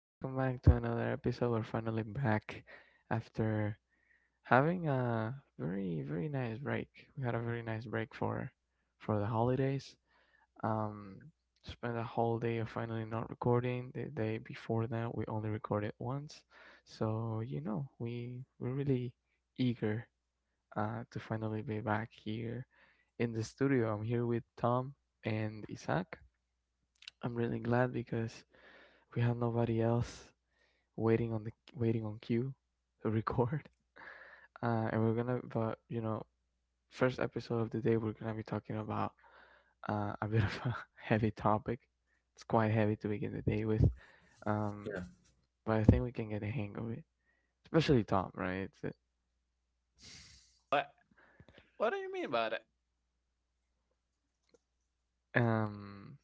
Welcome back to another episode. We're finally back after having a very, very nice break. We had a very nice break for the holidays. Um, spent a whole day of finally not recording. The day before that, we only recorded once. So we're really eager to finally be back here in the studio. I'm here with Tom and Isaac. I'm really glad because we have nobody else waiting on queue, to record. And we're gonna, but you know, first episode of the day, we're gonna be talking about a bit of a heavy topic. It's quite heavy to begin the day with, um, Yeah. but I think we can get a hang of it, especially Tom, right? What? What do you mean by that? um,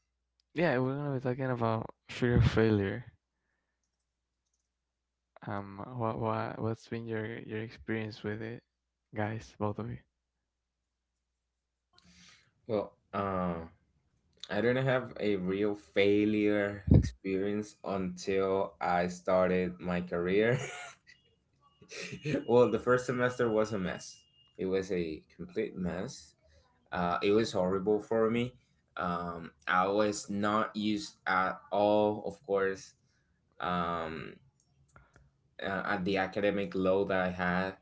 yeah, we're gonna be talking about fear of failure. What what's been your experience with it, guys, both of you? Well, um, I didn't have a real failure experience until I started my career. The first semester was a mess. It was a complete mess. It was horrible for me. I was not used at all, of course, um, at the academic load that I had.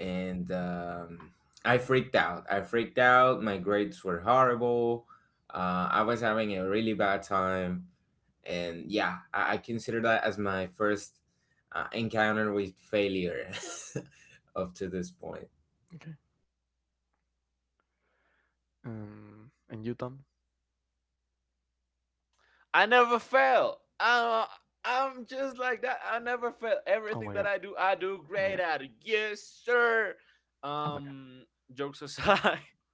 And I freaked out. I freaked out. My grades were horrible. I was having a really bad time, and yeah, I consider that as my first encounter with failure up to this point. Okay. And you, Tom? I never fail. I'm just like that. I never fail. Oh Everything my that god! I do Oh my great god! at. It. Yes, sir. Oh my god! Um, jokes aside,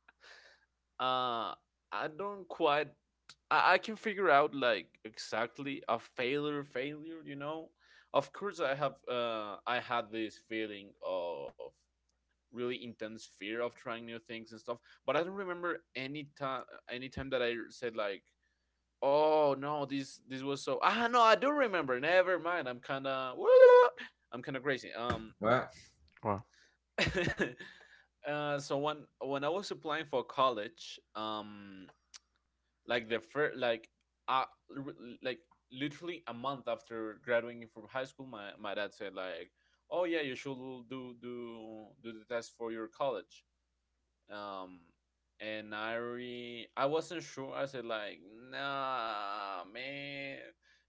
uh, I don't quite. I can figure out like exactly a failure, failure. Of course, I have. I had this feeling of really intense fear of trying new things and stuff. But I don't remember any time that I said like, oh no, this was no, I do remember. Never mind. I'm kinda I'm kinda crazy. Well, Wow. So when I was applying for college, like the first uh r- like literally a month after graduating from high school, my dad said like, oh yeah, you should do the test for your college. Um, and I wasn't sure. I said like, nah, man,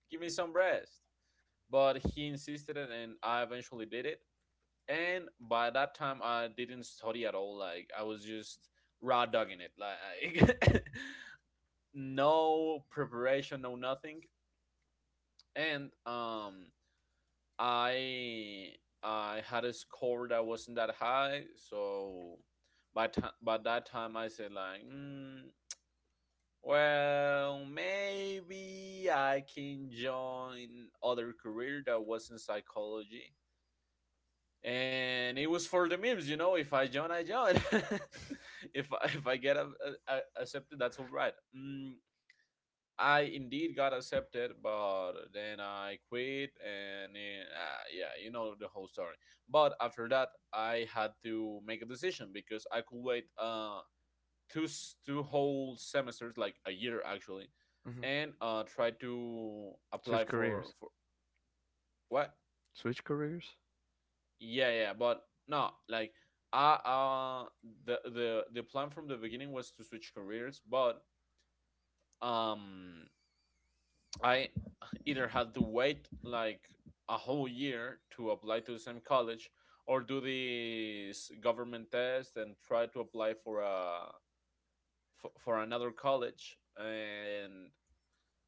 give me some rest. But he insisted, and I eventually did it. And by that time, I didn't study at all. Like I was just raw dogging it. Like no preparation, no nothing. And I I had a score that wasn't that high, so by that time I said like Well, maybe I can join other career that was in psychology. And it was for the memes. If I join, I join. If I get accepted, that's all right. I indeed got accepted, but then I quit, and then, yeah, you know the whole story. But after that, I had to make a decision because I could wait. Two two whole semesters, like a year actually, Hmm. and try to apply Switch for careers. for What? Switch careers. Yeah, yeah, but no, like I uh the plan from the beginning was to switch careers, but um I either had to wait like a whole year to apply to the same college or do this government test and try to apply for a for another college, and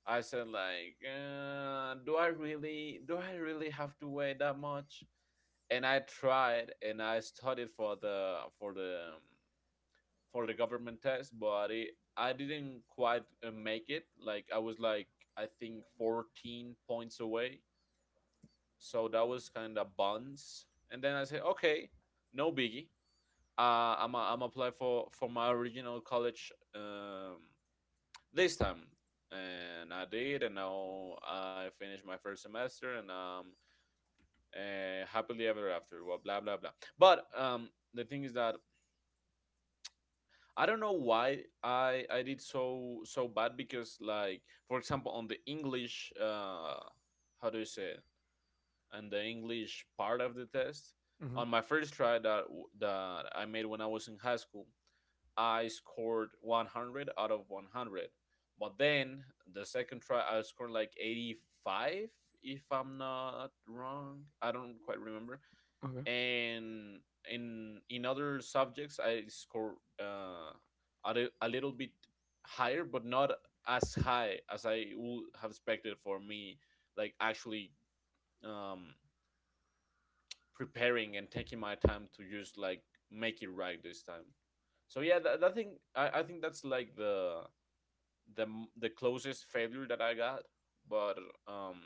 I said like, do I really have to weigh that much? And I tried and I studied for the government test, but I didn't quite make it. Like I was like I think 14 points away. So that was kind of buns. And then I said, okay, no biggie. I'm apply for my original college this time, and I did. And now I finished my first semester, and happily ever after, well, blah blah blah. But the thing is that I don't know why I did so bad, because like, for example, on the English how do you say it, and the English part of the test, Hmm. on my first try that I made when I was in high school, I scored 100 out of 100. But then the second try, I scored like 85, if I'm not wrong. I don't quite remember. Okay. And in other subjects, I scored a, a little bit higher, but not as high as I would have expected for me, like actually um, preparing and taking my time to just like make it right this time. So yeah, that thing, I think that's like the closest failure that I got, but um,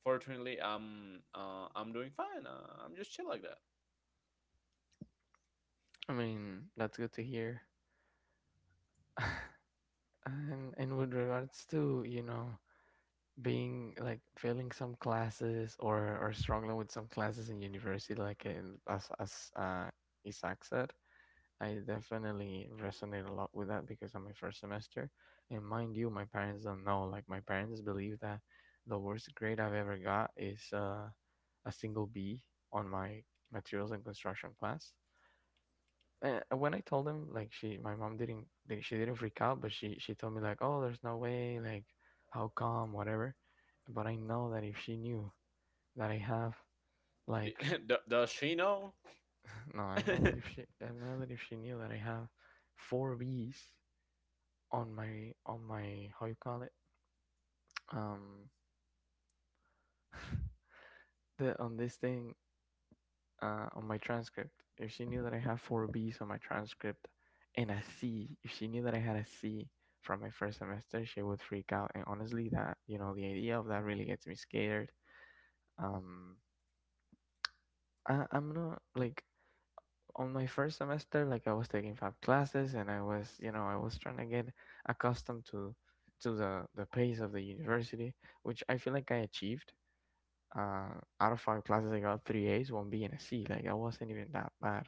fortunately I'm doing fine. I'm just chill like that. I mean, that's good to hear. And with regards to being like failing some classes or struggling with some classes in university, like as Isaac said, I definitely resonate a lot with that because I'm my first semester, and mind you, my parents don't know. Like my parents believe that the worst grade I've ever got is a single B on my materials and construction class. And when I told them, like my mom she didn't freak out, but she told me like, oh, there's no way, like, how come, whatever. But I know that if she knew that I have D- like, Does she know? no, I know that if she, I know that if she knew that I have four Bs on my how you call it, um the on this thing, on my transcript. If she knew that I have four B's on my transcript and a C, if she knew that I had a C from my first semester, she would freak out. And honestly, that you know the idea of that really gets me scared. um I, I'm not like, on my first semester, like I was taking five classes and I was, I was trying to get accustomed to the pace of the university, which I feel like I achieved. uh, out of five classes, I got three A's, one B, and a C. Like I wasn't even that bad.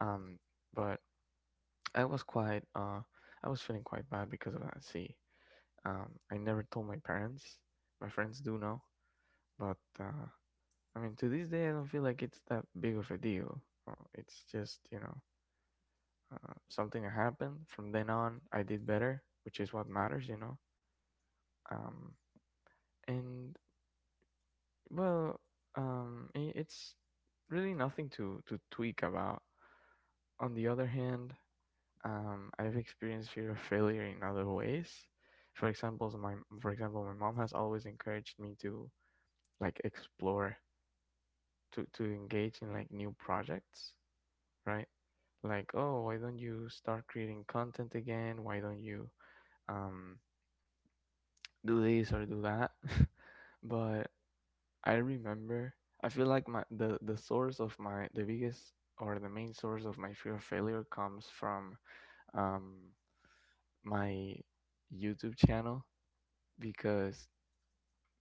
Um, but I was quite, I was feeling quite bad because of that C. I never told my parents. My friends do know, but I mean, to this day, I don't feel like it's that big of a deal. It's just something that happened. From then on, I did better, which is what matters, you know. Um, and well, it's really nothing to tweak about. On the other hand, I've experienced fear of failure in other ways. For example, my mom has always encouraged me to like explore, to engage in like new projects, right? Like, oh, why don't you start creating content again? Why don't you um, do this or do that? But I remember, I feel like my the source of my the biggest or the main source of my fear of failure comes from um, my YouTube channel, because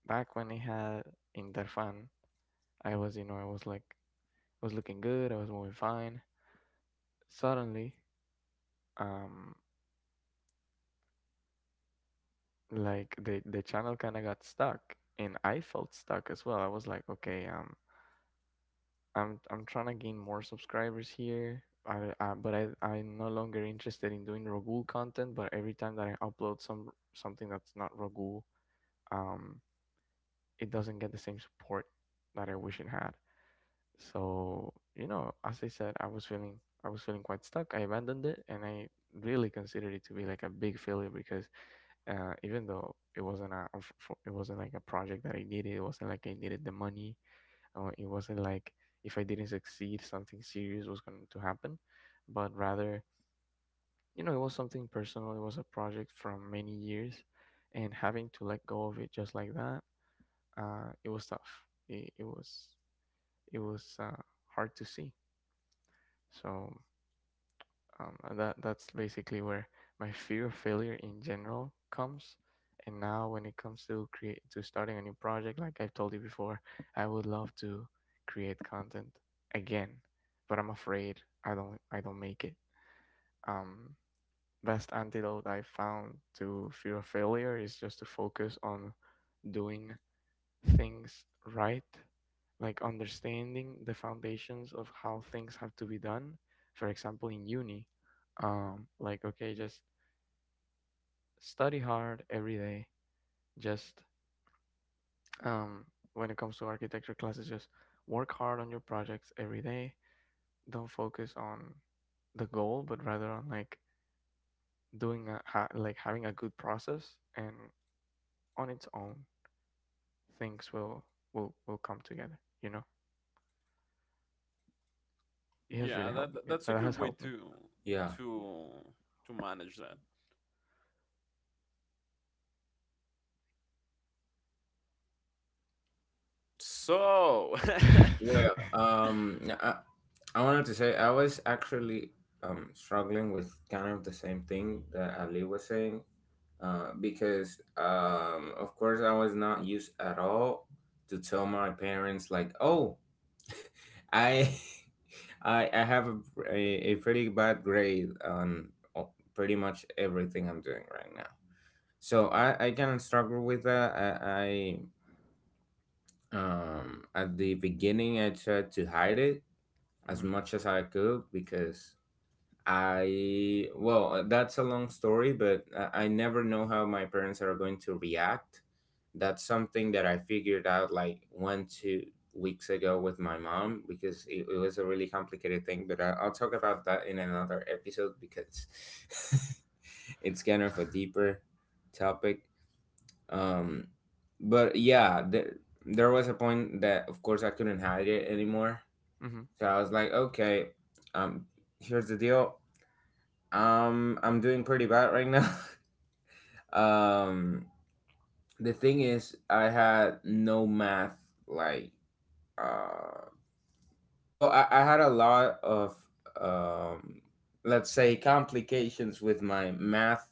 back when I had Interfan, I was, you know, I was like, I was looking good, I was moving fine. Suddenly, um, like the channel kind of got stuck, and I felt stuck as well. I was like, okay, I'm trying to gain more subscribers here. I but I I'm no longer interested in doing ragul content. But every time that I upload something that's not ragul, um, it doesn't get the same support that I wish it had. So, you know, as I said, I was feeling quite stuck. I abandoned it and I really considered it to be like a big failure because even though it wasn't it wasn't like a project that I needed, it wasn't like I needed the money, or it wasn't like if I didn't succeed, something serious was going to happen, but rather, you know, it was something personal. It was a project from many years, and having to let go of it just like that, it was tough. It was hard to see. So that that's basically where my fear of failure in general comes. And now, when it comes to create to starting a new project, like I've told you before, I would love to create content again, but I'm afraid I don't make it. Um, best antidote I found to fear of failure is just to focus on doing things right, like understanding the foundations of how things have to be done. For example, in uni, like, okay, just study hard every day. Just um, when it comes to architecture classes, just work hard on your projects every day. Don't focus on the goal, but rather on like like having a good process, and on its own things will come together, you know. It has Yeah, really that helped that- that's a that good has way helped to yeah. to manage that. So, me. Well, um, I, I wanted to say I was actually struggling with kind of the same thing that Ali was saying because of course I was not used at all to tell my parents like, oh, I I have a, a pretty bad grade on pretty much everything I'm doing right now. So I kind of struggle with that. I At the beginning I tried to hide it Mm-hmm. as much as I could because I well, that's a long story, but I never know how my parents are going to react. That's something that I figured out like one, 2 weeks ago with my mom because it was a really complicated thing. But I'll talk about that in another episode because it's kind of a deeper topic. Um, but yeah, there was a point that, of course, I couldn't hide it anymore. Mm-hmm. So I was like, okay, um, here's the deal. I'm doing pretty bad right now. um, the thing is, I had no math. Like, uh, I had a lot of um, let's say complications with my math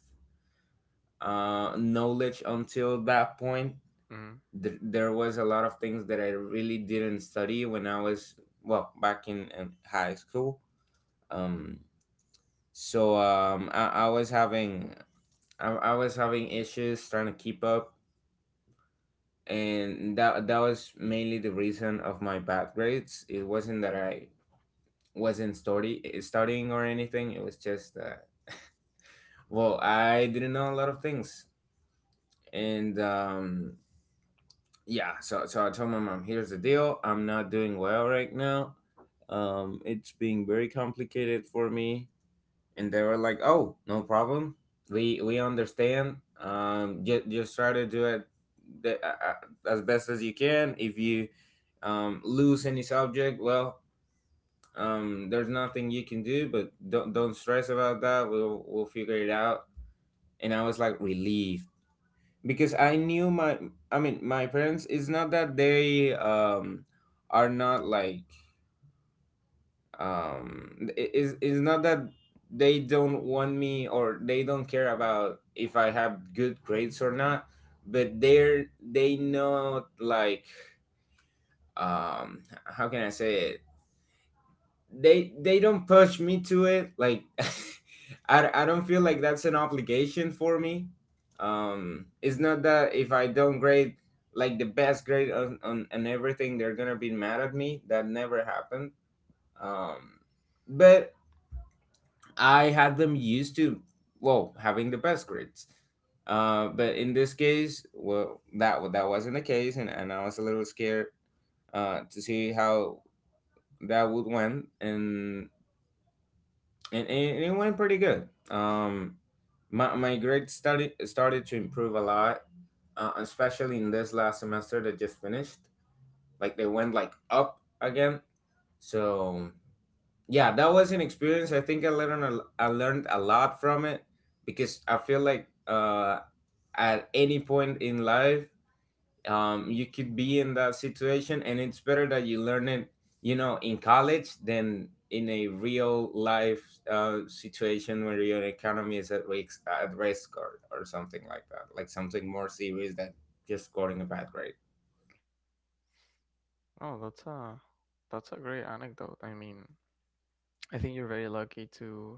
knowledge until that point. Mm-hmm. There was a lot of things that I really didn't study when I was well back in high school. Um, I was having I was having issues trying to keep up and that was mainly the reason of my bad grades. It wasn't that I wasn't studying or anything. It was just that well, I didn't know a lot of things, and yeah. So so I told my mom, here's the deal. I'm not doing well right now. It's being very complicated for me, and they were like, oh, no problem, we understand, just try to do it the, uh, as best as you can. If you lose any subject, well, there's nothing you can do, but don't stress about that. We'll figure it out. And I was like relieved because I knew my, I mean my parents, it's not that they are not like it's not that they don't want me or they don't care about if I have good grades or not, but they're they not like, how can I say it, they don't push me to it like I don't feel like that's an obligation for me. It's not that if I don't grade like the best grade on everything they're gonna be mad at me. That never happened. Um but I had them used to, well, having the best grades. But in this case, well, that wasn't the case, and I was a little scared to see how that would went, and and it went pretty good. My grades started to improve a lot, especially in this last semester that just finished. Like they went like up again, so yeah, that was an experience. I think I learned a lot from it because I feel like at any point in life you could be in that situation, and it's better that you learn it, you know, in college than in a real life situation where your economy is at risk, or something like that, like something more serious than just scoring a bad grade. Oh, that's a great anecdote. I mean, I think you're very lucky to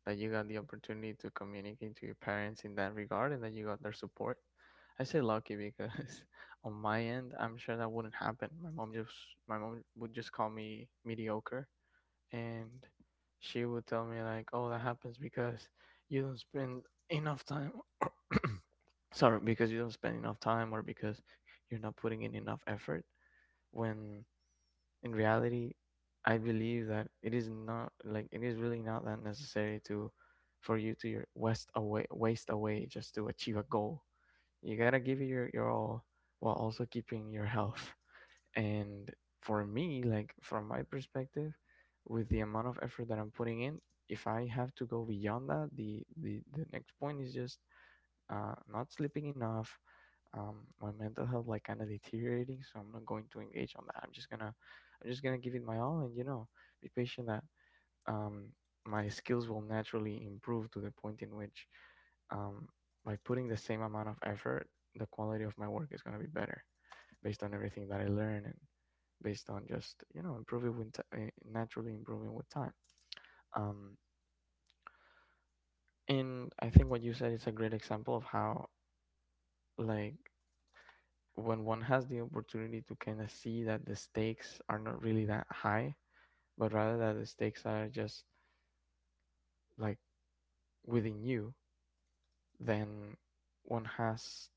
that you got the opportunity to communicate to your parents in that regard and that you got their support. I say lucky because on my end, I'm sure that wouldn't happen. My mom would just call me mediocre, and she would tell me like, "Oh, that happens because you don't spend enough time sorry, because you don't spend enough time or because you're not putting in enough effort." When in reality, I believe that it is not like it is really not that necessary to for you to your waste away just to achieve a goal. You gotta give it your all while also keeping your health. And for me, like from my perspective, with the amount of effort that I'm putting in, if I have to go beyond that, the next point is just not sleeping enough. My mental health like kind of deteriorating, so I'm not going to engage on that. I'm just gonna give it my all, and you know, be patient that um, my skills will naturally improve to the point in which um, by putting the same amount of effort, the quality of my work is going to be better based on everything that I learn and based on just, you know, improving with naturally improving with time. Um, and I think what you said is a great example of how, like, when one has the opportunity to kind of see that the stakes are not really that high, but rather that the stakes are just like within you, then one has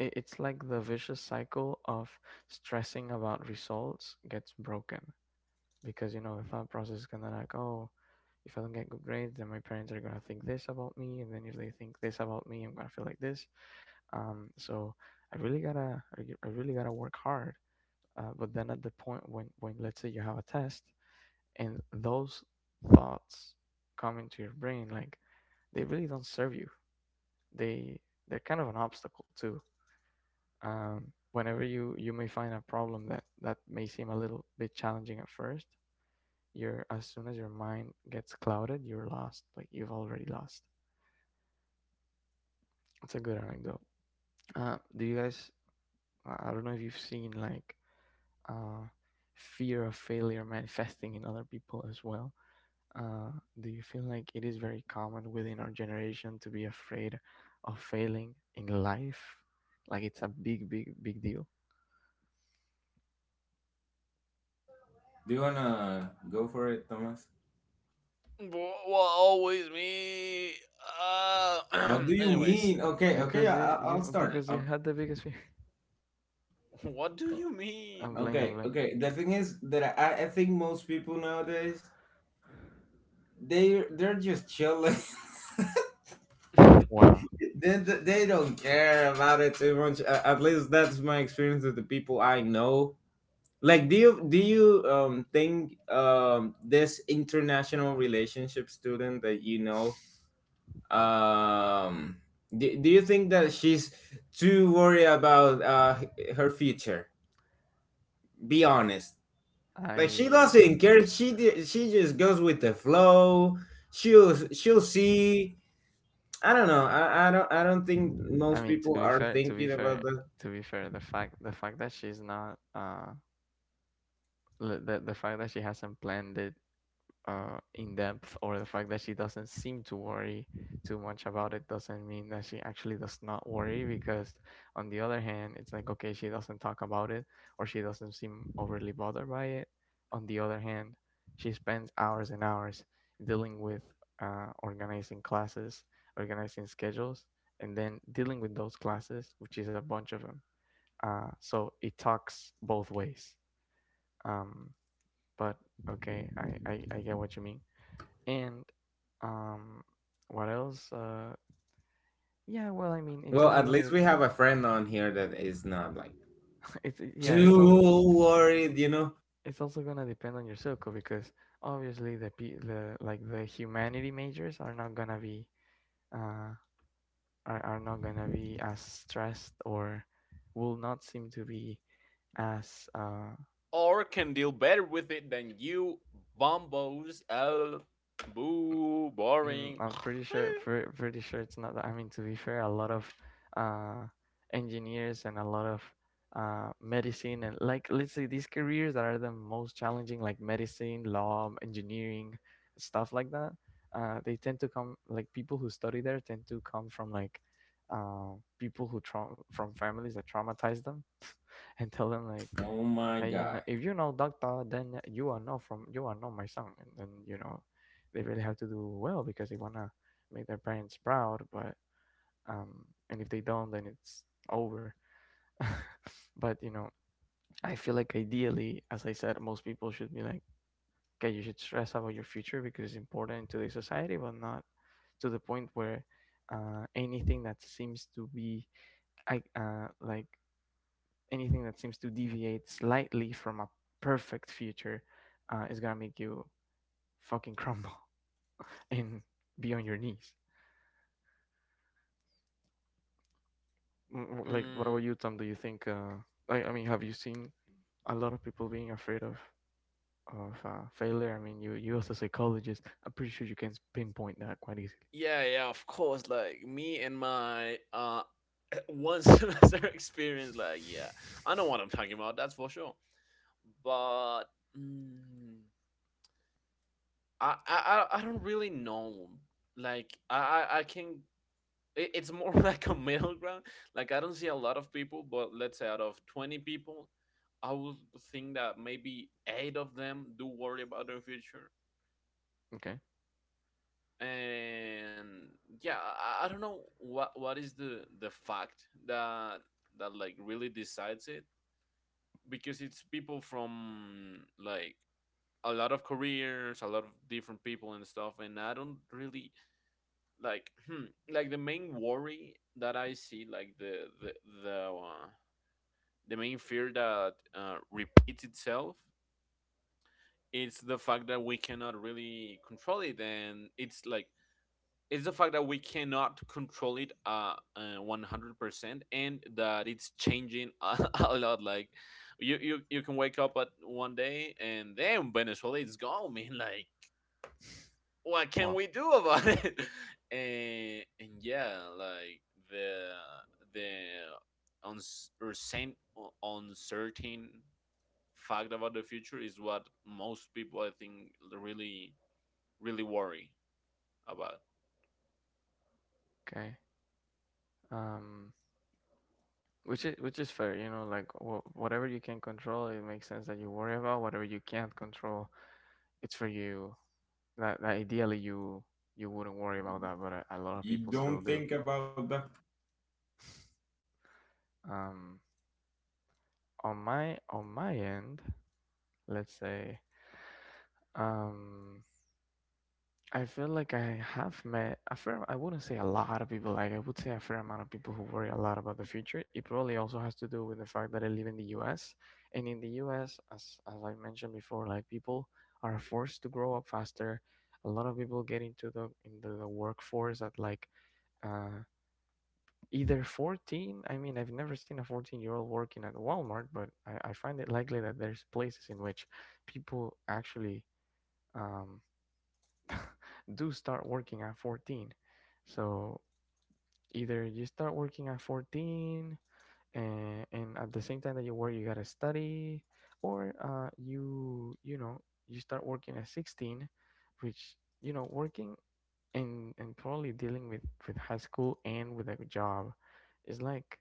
it's like the vicious cycle of stressing about results gets broken, because you know the thought process is kind of like, oh, if I don't get good grades then my parents are going to think this about me, and then if they think this about me I'm going to feel like this. um so i really gotta I really gotta work hard. But then at the point when let's say you have a test and those thoughts come into your brain, like they really don't serve you. They they're kind of an obstacle too. Um, whenever you may find a problem that may seem a little bit challenging at first, you're as soon as your mind gets clouded, you're lost. Like you've already lost. It's a good anecdote. Do you guys? I don't know if you've seen like uh, fear of failure manifesting in other people as well. Uh, do you feel like it is very common within our generation to be afraid of failing in life? Like it's a big, big, big deal. Do you wanna go for it, Thomas? what always me? Uh, What do you anyways, mean? Okay, okay, Because you, I'll you start, because you had the biggest fear. what do you I'm mean? playing. I'm Okay, playing. okay. The thing is that I think most people nowadays they they're just chilling. Wow. They don't care about it too much. A- At least that's my experience with the people I know. Like, do you think this international relationship student that you know, um do, do you think that she's too worried about her future? Be honest. Like she I doesn't care. She just goes with the flow. She'll see. I don't know. I don't I don't think I most mean people are thinking about that. to be fair, the fact that she's not the fact that she hasn't planned it in depth, or the fact that she doesn't seem to worry too much about it doesn't mean that she actually does not worry. Because on the other hand, it's like okay, she doesn't talk about it, or she doesn't seem overly bothered by it. On the other hand, she spends hours and hours dealing with organizing classes, organizing schedules, and then dealing with those classes, which is a bunch of them. So it talks both ways. Um, but okay, I get what you mean. And um what else? Yeah, well, I mean, it's Well, also at gonna least we have a friend on here that is not like it's yeah, too worried. You know. it's also gonna depend on your circle because obviously the pe- the like the humanity majors are not gonna be uh are not gonna be as stressed or will not seem to be as or can deal better with it than you bombos. Oh, boo, Mm, boring. I'm pretty sure, pretty sure it's not that. I mean, to be fair, a lot of uh, engineers and a lot of medicine, and like let's say these careers that are the most challenging, like medicine, law, engineering, stuff like that. They tend to come like people who study there tend to come from like uh, people who from families that traumatize them and tell them like Oh my hey, you know, god! if you know doctor, then you are not from, you are not my son, and then you know they really have to do well because they want to make their parents proud. But um and if they don't, then it's over. But you know, I feel like ideally, as I said, most people should be like okay, you should stress about your future because it's important to the society, but not to the point where anything that seems to be I, like anything that seems to deviate slightly from a perfect future is gonna make you fucking crumble and be on your knees. Mm. Like, what mm, about you, Tom? Do you think? I mean, have you seen a lot of people being afraid of failure? I mean, you as a psychologist, I'm pretty sure you can pinpoint that quite easily. yeah, yeah, of course. Like me and my one semester experience. Like, yeah, I know what I'm talking about. That's for sure. But mm, I don't really know. Like, I can it's more like a middle ground. Like I don't see a lot of people, but let's say out of 20 people, I would think that maybe eight of them do worry about their future. Okay. And yeah, I don't know what is the fact that like really decides it, because it's people from like a lot of careers, a lot of different people and stuff, and I don't really like. Like, the main worry that I see, like the uh, the main fear that repeats itself, is the fact that we cannot really control it, and it's like, it's the fact that we cannot control it 100% and that it's changing a lot. Like you can wake up at one day and then Venezuela is gone, man. Like, what can Wow. we do about it? And yeah, like, the the uns- uncertain uncertain fact about the future is what most people, I think, really really worry about. Okay. Um. Which is fair, you know. Like whatever you can control, it makes sense that you worry about. Whatever you can't control, it's for you that ideally you wouldn't worry about that, but a lot of You people still don't do. think about that. Um, on my end, let's say, um, I feel like I have met a fair. I wouldn't say a lot of people. Like I would say a fair amount of people who worry a lot about the future. It probably also has to do with the fact that I live in the U.S., and in the U.S., as I mentioned before, like people are forced to grow up faster. A lot of people get into the workforce at like uh, either 14. I mean, I've never seen a 14-year-old working at Walmart, but I find it likely that there's places in which people actually um, do start working at 14. So either you start working at 14, and at the same time that you work you gotta study, or you you know, you start working at 16, which you know, working and probably dealing with high school and with a job is like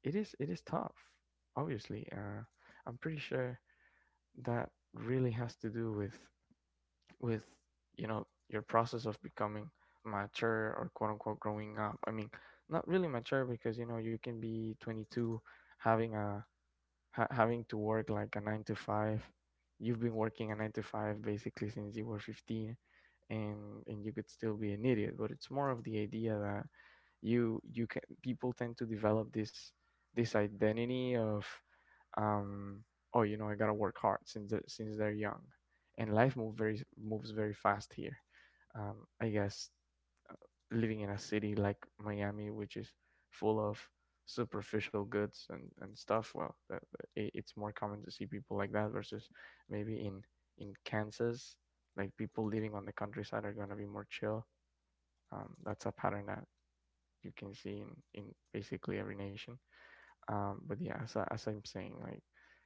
it is tough. Obviously, I'm pretty sure that really has to do with with you know, your process of becoming mature or quote unquote growing up. I mean, not really mature, because you know you can be 22 having a having to work like a 9 to 5. You've been working a 9 to 5 basically since you were 15, and you could still be an idiot, but it's more of the idea that you can people tend to develop this identity of um, oh, you know, I gotta work hard since they're young, and life moves very fast here. I guess uh, living in a city like Miami, which is full of superficial goods and stuff, well, it's more common to see people like that versus maybe in Kansas, like people living on the countryside are gonna be more chill. That's a pattern that you can see in basically every nation. But yeah, as I'm saying, like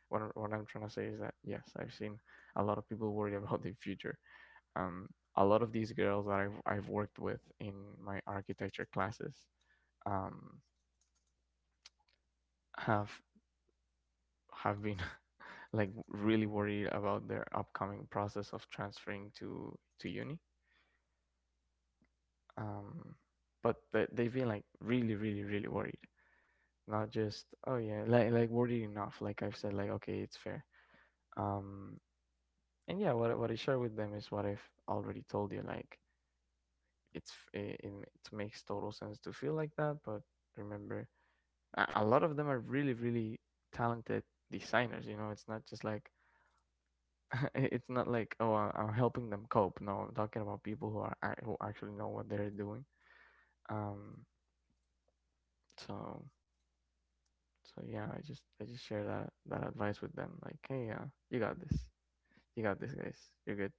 what I'm trying to say is that yes, I've seen a lot of people worried about the future. Um, a lot of these girls that I've worked with in my architecture classes um, have been like really worried about their upcoming process of transferring to uni. Um, but they've been like really, really, really worried. Not just oh yeah, like worried enough. Like I've said, like okay, it's fair. Um, And yeah, what I share with them is what I've already told you. Like it's it it makes total sense to feel like that, but remember, a lot of them are really really talented designers. You know, it's not just like it's not like oh, am helping them cope. No, I'm talking about people who are who actually know what they're doing. Um, so so yeah, I just share that advice with them. Like hey, yeah, you got this, guys, you're good.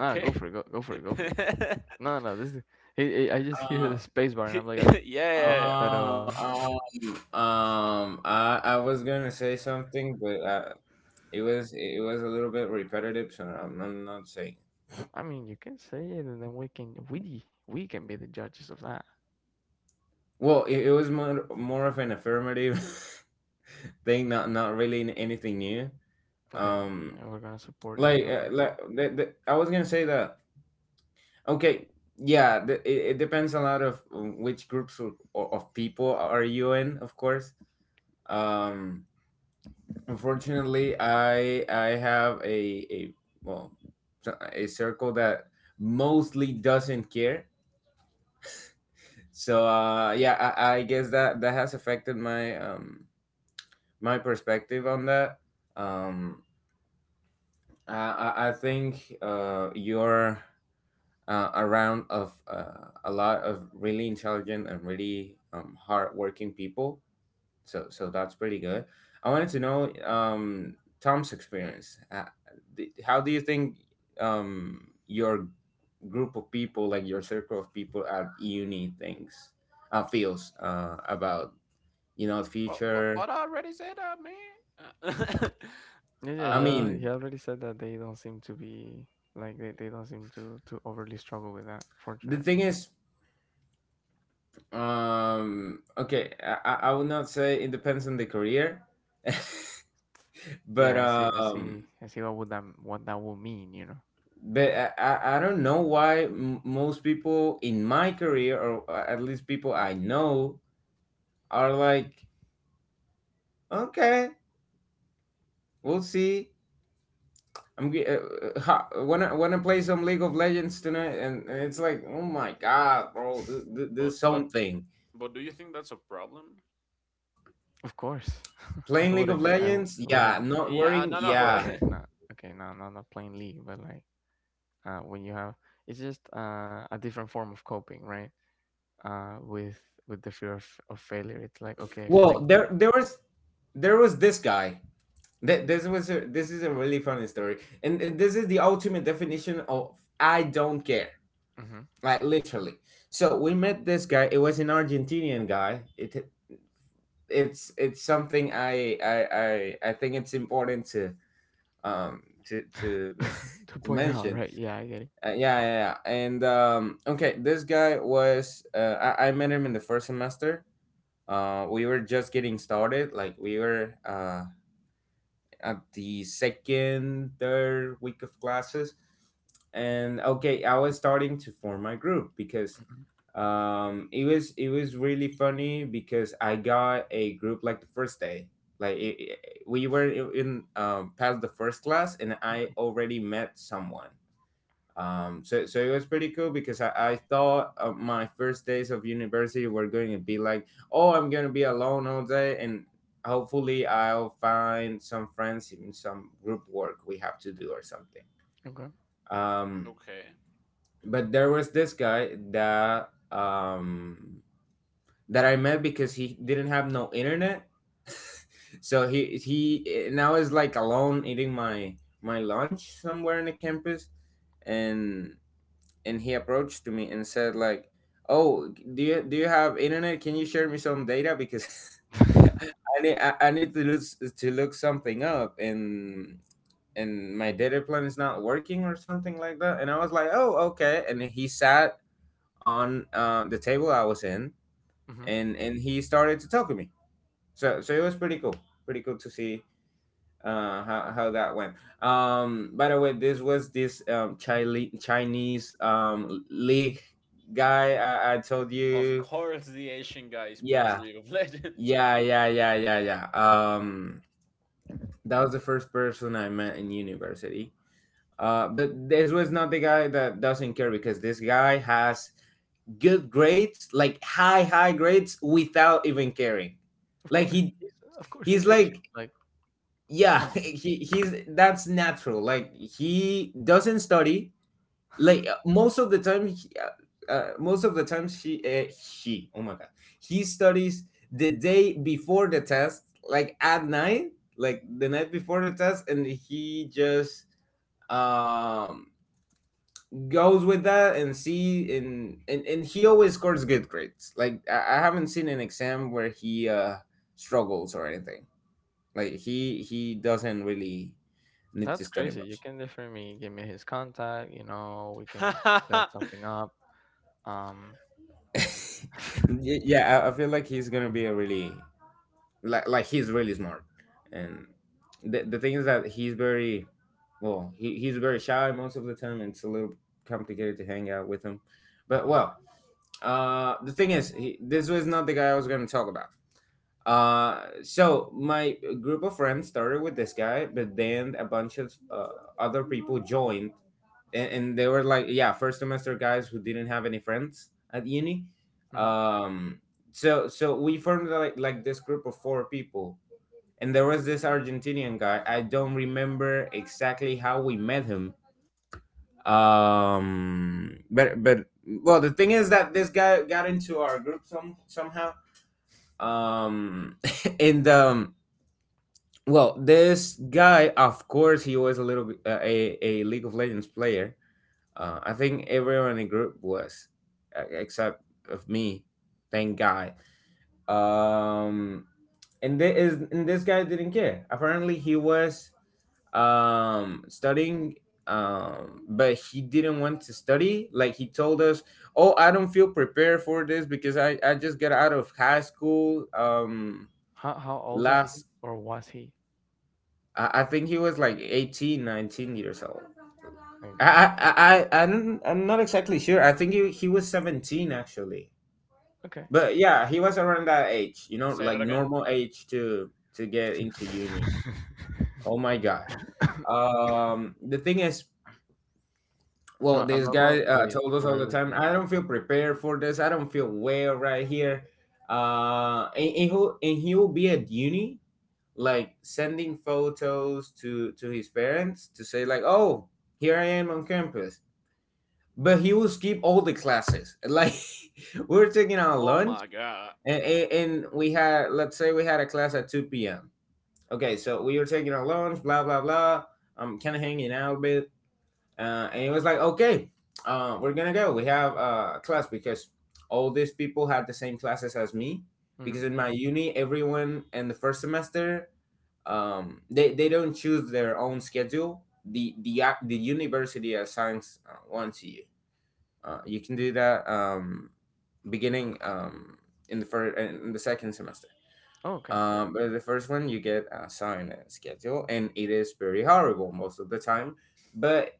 Ah, go for it, go for it, go for it. Yeah, No, no, this is, i I just hear the Uh, space bar and I'm like, yeah, yeah. but uh, um, I was gonna say something, but it was a little bit repetitive, so I'm not saying. I mean, you can say it, and then we can, we can be the judges of that. Well, it was more of an affirmative thing, not anything new. Okay, okay, Um, yeah, we're gonna support me on that. I was gonna say that. Okay, yeah, it, it depends a lot of which groups of people are you in, of course. Um, Unfortunately, I have well a circle that mostly doesn't care. So yeah, I guess that that has affected my my perspective on that. Um, I think you're around of a lot of really intelligent and really hardworking people. So so that's pretty good. I wanted to know Tom's experience. How do you think your group of people, like your circle of people at uni, thinks feels about you know But, but, future? but I already said that, man. Yeah, yeah, I uh, he mean, already said that they don't seem to be, like, they don't seem to overly struggle with that, the fortunately. thing is okay, I would not say it depends on the career, but Yeah, I see, I see, um, I see what what that would mean, you know? but I don't know why most people in my career, or at least people I know, are like, okay, we'll see. I'm ge- ha, wanna wanna play some League of Legends tonight, and it's like, oh my god, bro, do but but something. but do you think that's a problem? Of course, I Playing would League of agree, Legends, I would yeah. agree. Not Yeah, worrying, no, no, Not yeah. but okay, not okay, no, no, not plainly, but like, when you have it's just a different form of coping, right? With the fear of failure. It's like okay, I feel like Well, the, there was this guy. This was a, this is a really funny story, and this is the ultimate definition of I don't care, mhm. like literally. So we met this guy. It was an Argentinian guy. It's it's something I think it's important to to To to point out, mention. right? Yeah, I get it. Yeah, yeah yeah and Okay, this guy was, I met him in the first semester. We were just getting started. Like we were at the third week of classes. And okay, I was starting to form my group because Hmm. It was really funny because I got a group like the first day. Like it, it- we were in, past the first class, and I Okay, already met someone. So so it was pretty cool because I thought my first days of university were going to be like, oh, I'm going to be alone all day and hopefully I'll find some friends in some group work we have to do or something. okay. um okay. but there was this guy that that I met because he didn't have no internet. So he now is like alone eating my lunch somewhere in the campus, and and he approached to me and said like, oh, do you have internet? Can you share me some data because I need to look something up, and my data plan is not working or something like that. And I was like, oh, okay. And he sat on the table I was in, Hmm. And he started to talk to me. So so it was pretty cool, pretty cool to see how that went. By the way, this was this Chinese League guy I told Of you. course, the Asian guy is playing Yeah, League of Legends. yeah yeah yeah yeah yeah um that was the first person I met in university. But this was not the guy that doesn't care because this guy has good grades, like high grades without even caring. Of Like course he's, of course he's he's Asian, like, like, yeah. come on. he he's That's natural. Like he doesn't study. Like most of the times he oh my god, he studies the day before the test, like at night, like the night before the test, and he just um goes with that and see, and and he always scores good grades. Like I haven't seen an exam where he struggles or anything like He doesn't really need to That's study crazy. You much. can definitely give me his contact, you know, we can set something up. um Yeah, I feel like he's gonna be a really like he's really smart, and the thing is that he's very well, he's very shy most of the time. And it's a little complicated to hang out with him, but okay. well, the thing is this was not the guy I was gonna talk about. So my group of friends started with this guy, but then a bunch of other people joined, and they were like, yeah, first semester guys who didn't have any friends at uni. Hmm. Um so so we formed like this group of four people, and there was this Argentinian guy. I don't remember exactly how we met him. But well, the thing is that this guy got into our group somehow. um and well, this guy, of course, he was a a league of legends player. I think everyone in the group was, except of me. Thank God. Um, and this guy didn't care. Apparently, he was studying, but he didn't want to study. Like he told us, "Oh, I don't feel prepared for this because I just got out of high school." How old is he last or was he? I think he was like 18, 19 years old. Okay. I I I'm not exactly sure. I think he was 17 actually. Okay. But yeah, he was around that age, you know, Say like that again. normal age to get into uni. Oh my god. A, The thing is, well, a this guy normal wait told us for all our the time, "I listeners. don't feel prepared for this. I don't feel well right here." And he will be at uni, like, sending photos to his parents to say, like, "Oh, here I am on campus." But he will skip all the classes. Like, we were taking our Oh lunch, my god. and we had let's say we had a class at two p.m. Okay, so we were taking our lunch, blah blah blah. I'm kind of hanging out a bit, and it was like, okay, we're gonna go. We have a class because all these people had the same classes as me. Mhm. Because in my uni, everyone in the first semester, they don't choose their own schedule. The university assigns one to you. You can do that, beginning, in the second semester. Oh, okay. But the first one you get assigned a schedule, and it is very horrible most of the time. But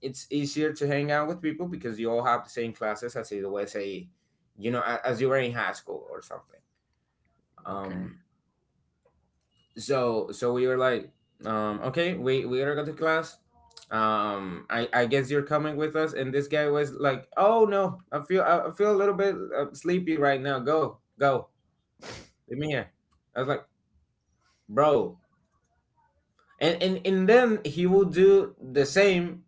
it's easier to hang out with people because you all have the same classes as it was, you know, as you were in high school or something. Okay. Um, so we were like, okay, we gotta go to class. I guess you're coming with us. And this guy was like, "Oh no, I feel a little bit sleepy right now. Go leave me here." I was like, "Bro." And then he will do the same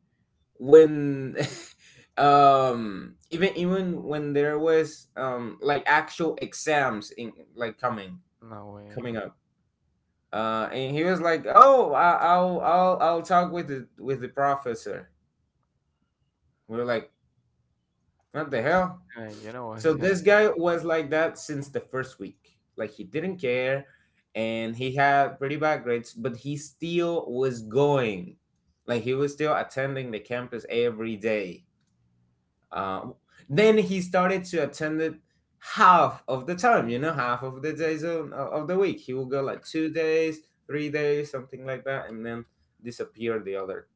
when, even when there was, like, actual exams, in like, coming No way. coming up. And he was like, "Oh, I, I'll talk with the professor." We were like, "What the hell?" You know what he's So gonna this tell. guy was like that since the first week. Like, he didn't care, and he had pretty bad grades, but he still was going. Like, he was still attending the campus every day. Um, then he started to attend it half of the time, you know, half of the days of the week. He would go like 2 days, 3 days, something like that, and then disappear the other,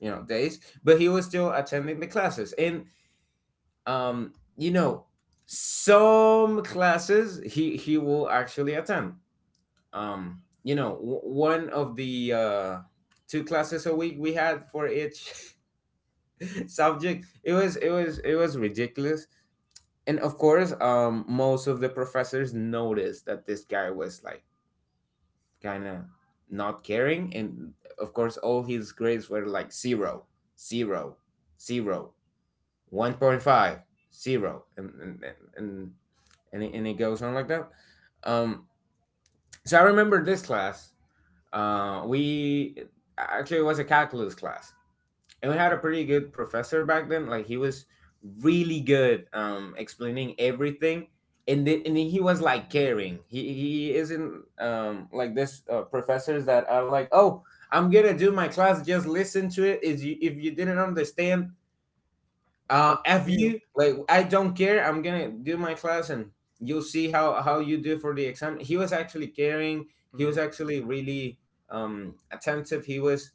you know, days. But he was still attending the classes, and, you know, some classes he will actually attend. You know, one of the two classes a week we had for each subject. It was ridiculous, and of course most of the professors noticed that this guy was, like, kind of not caring, and of course all his grades were like zero, zero, zero, 1.5, zero, and and and, and and it goes on like that. um so I remember this class. We Actually, it was a calculus class, and we had a pretty good professor back then. Like, he was really good explaining everything, and then he was, like, caring. He isn't, like, this, professors that are like, "Oh, I'm gonna do my class. Just listen to it. Is you, if you didn't understand, That's have on you. you, like, I don't care. I'm gonna do my class, and you'll see how you do for the exam." He was actually caring. He was Mm-hmm. actually really attentive. He was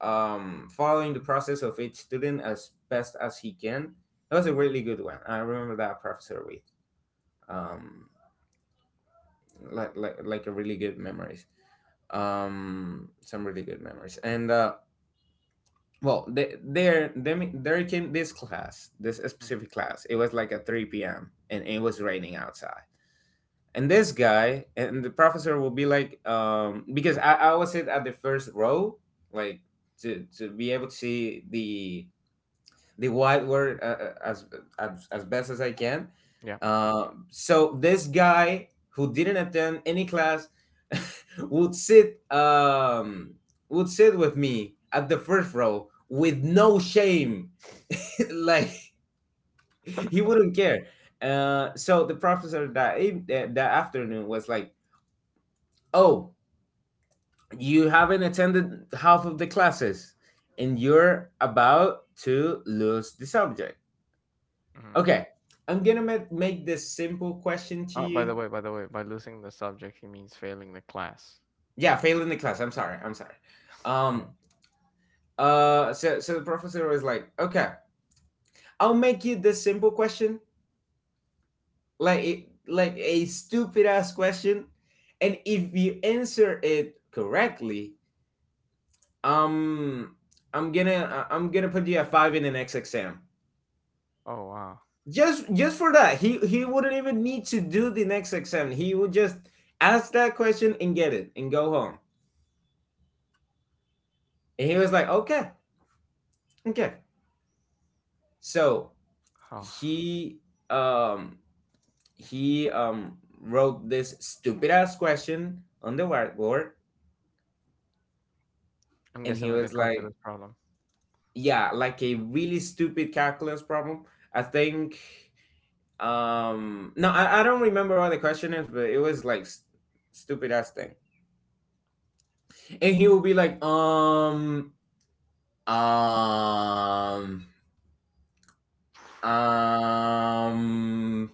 following the process of each student as best as he can. That was a really good one. I remember that professor with, um like, a really good memories. Some really good memories. And well, there came this class, this specific Mm-hmm. class. It was like at 3 p.m., and it was raining outside. And this guy and the professor will be like, because I was sit at the first row, like, to be able to see the white word, as best as I can. Yeah. So this guy who didn't attend any class would sit um, would sit with me at the first row with no shame. Like, he wouldn't care. So the professor that that afternoon was like, "Oh, you haven't attended half of the classes, and you're about to lose the subject. Mm-hmm. Okay, I'm gonna make this simple question to Oh, by the you." way, by the way, by losing the subject, he means failing the class. Yeah, failing the class. I'm sorry. I'm sorry. Um. Oh, So the professor was like, "Okay, I'll make you this simple question, like it, like a stupid ass question, and if you answer it correctly, um, I'm gonna put you a five in the next exam." oh wow. Just for that, he wouldn't even need to do the next exam. He would just ask that question and get it and go home. And he was like, "Okay. Okay." So Huh. he um he wrote this stupid ass question on the whiteboard, I'm and guessing he like a was like, calculus problem. yeah, like a really stupid calculus problem. I think, no, I don't remember all the question is, but it was like, stupid ass thing. And he would be like, um um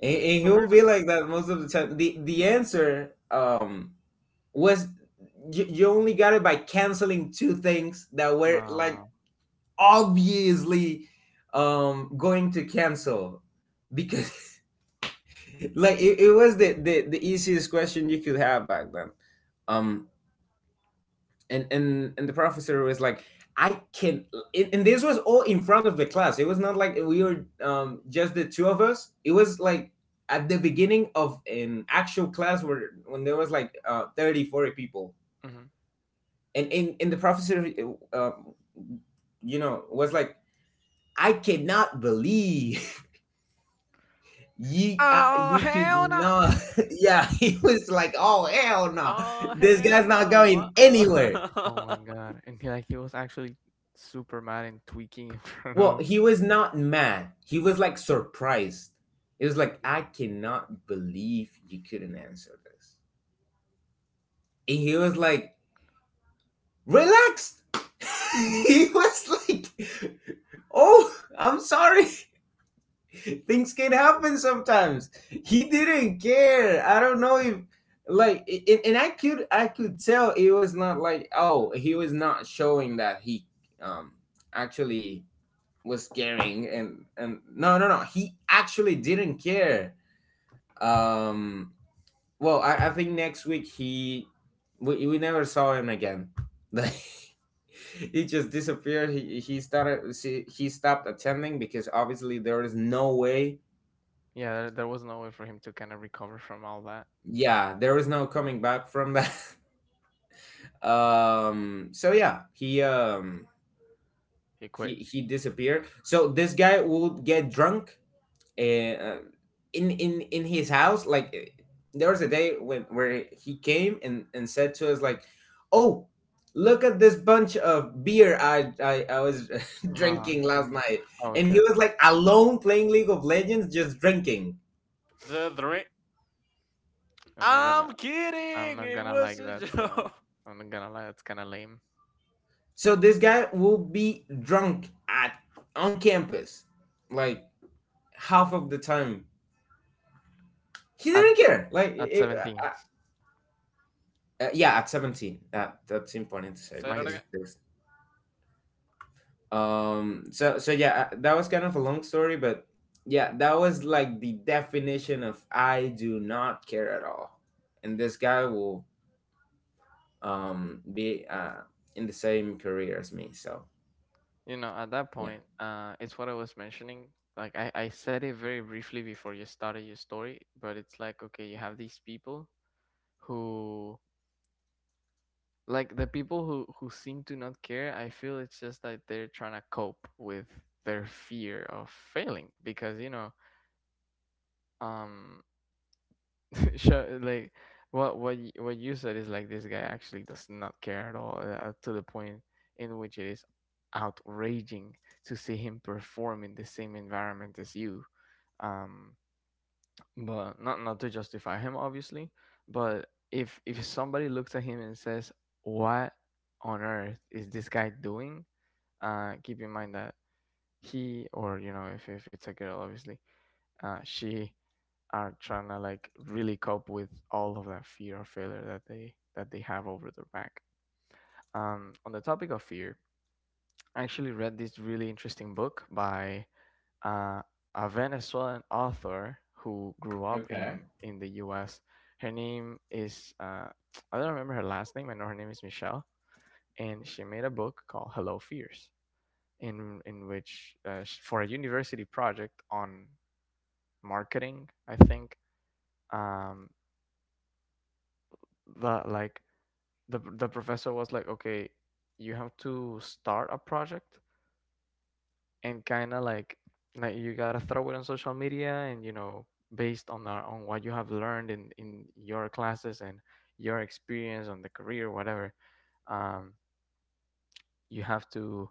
and he So will here's a. be like that most of the time. The answer, was, you only got it by canceling two things that were, like, Nah. obviously, going to cancel, because like, it was the easiest question you could have back then. um and the professor was like, "I can..." And this was all in front of the class. It was not like we were, just the two of us. It was like at the beginning of an actual class where when there was like 30 40 people. Mm-hmm. And in the prophecy, uh, you know, was like, "I cannot believe you, Oh you could hell no! not." Yeah, he was like, "Oh hell no, Oh this hell guy's not no! going anywhere." Oh Uh-uh. my god. And he, like he was actually super mad and tweaking in front Well, of. he was not mad. He was, like, surprised. It was like, "I cannot believe you couldn't answer this." And he was like relaxed. He was like, "Oh, I'm sorry. Things can happen sometimes." He didn't care. I don't know if, like, and I could tell it was not like, "Oh," he was not showing that he um actually was caring. And no, no, no, he actually didn't care. um well, I think next week, he we never saw him again. Like, he just disappeared. He stopped attending because obviously there is no way. Yeah, there was no way for him to kind of recover from all that. Yeah, there was no coming back from that. So yeah, he, He he quit. he disappeared. So this guy would get drunk, uh, in his house, like, there was a day when where he came and said to us, like, "Oh, look at this bunch of beer I was Nah. drinking last he, night." oh, And okay. he Okay. was like alone playing league of legends, just drinking. The three. I'm not gonna. I'm I'm kidding. not It gonna was like a that. So joke. I'm not gonna lie, that's kind of lame. So this guy will be drunk at on campus, like, half of the time. He At didn't care. Like, at 17, yeah, at 17. That's important to say Say that mind you. again. because there's. That was kind of a long story, but yeah, that was like the definition of I do not care at all. And this guy will be in the same career as me. So You know, at that yeah. point, it's what I was mentioning. Like I said it very briefly before you started your story, but it's like okay, you have these people who like the people who seem to not care. I feel it's just that they're trying to cope with their fear of failing, because you know, um, sure, like what you said is like this guy actually does not care at all, to the point in which it is outraging to see him perform in the same environment as you. um but not, not to justify him, obviously, but if somebody looks at him and says what on earth is this guy doing, keep in mind that he, or you know, if it's a girl, obviously, she, are trying to like really cope with all of that fear of failure that they have over their back. On the topic of fear, I actually read this really interesting book by uh, a Venezuelan author who grew up Okay. in the U.S. Her name is I don't remember her last name. I know her name is Michelle, and she made a book called Hello Fears, in which for a university project on marketing, I think. Um, the the professor was like, "Okay, you have to start a project and kind of like you gotta throw it on social media, and you know, based on what you have learned in your classes and your experience on the career, whatever, um you have to,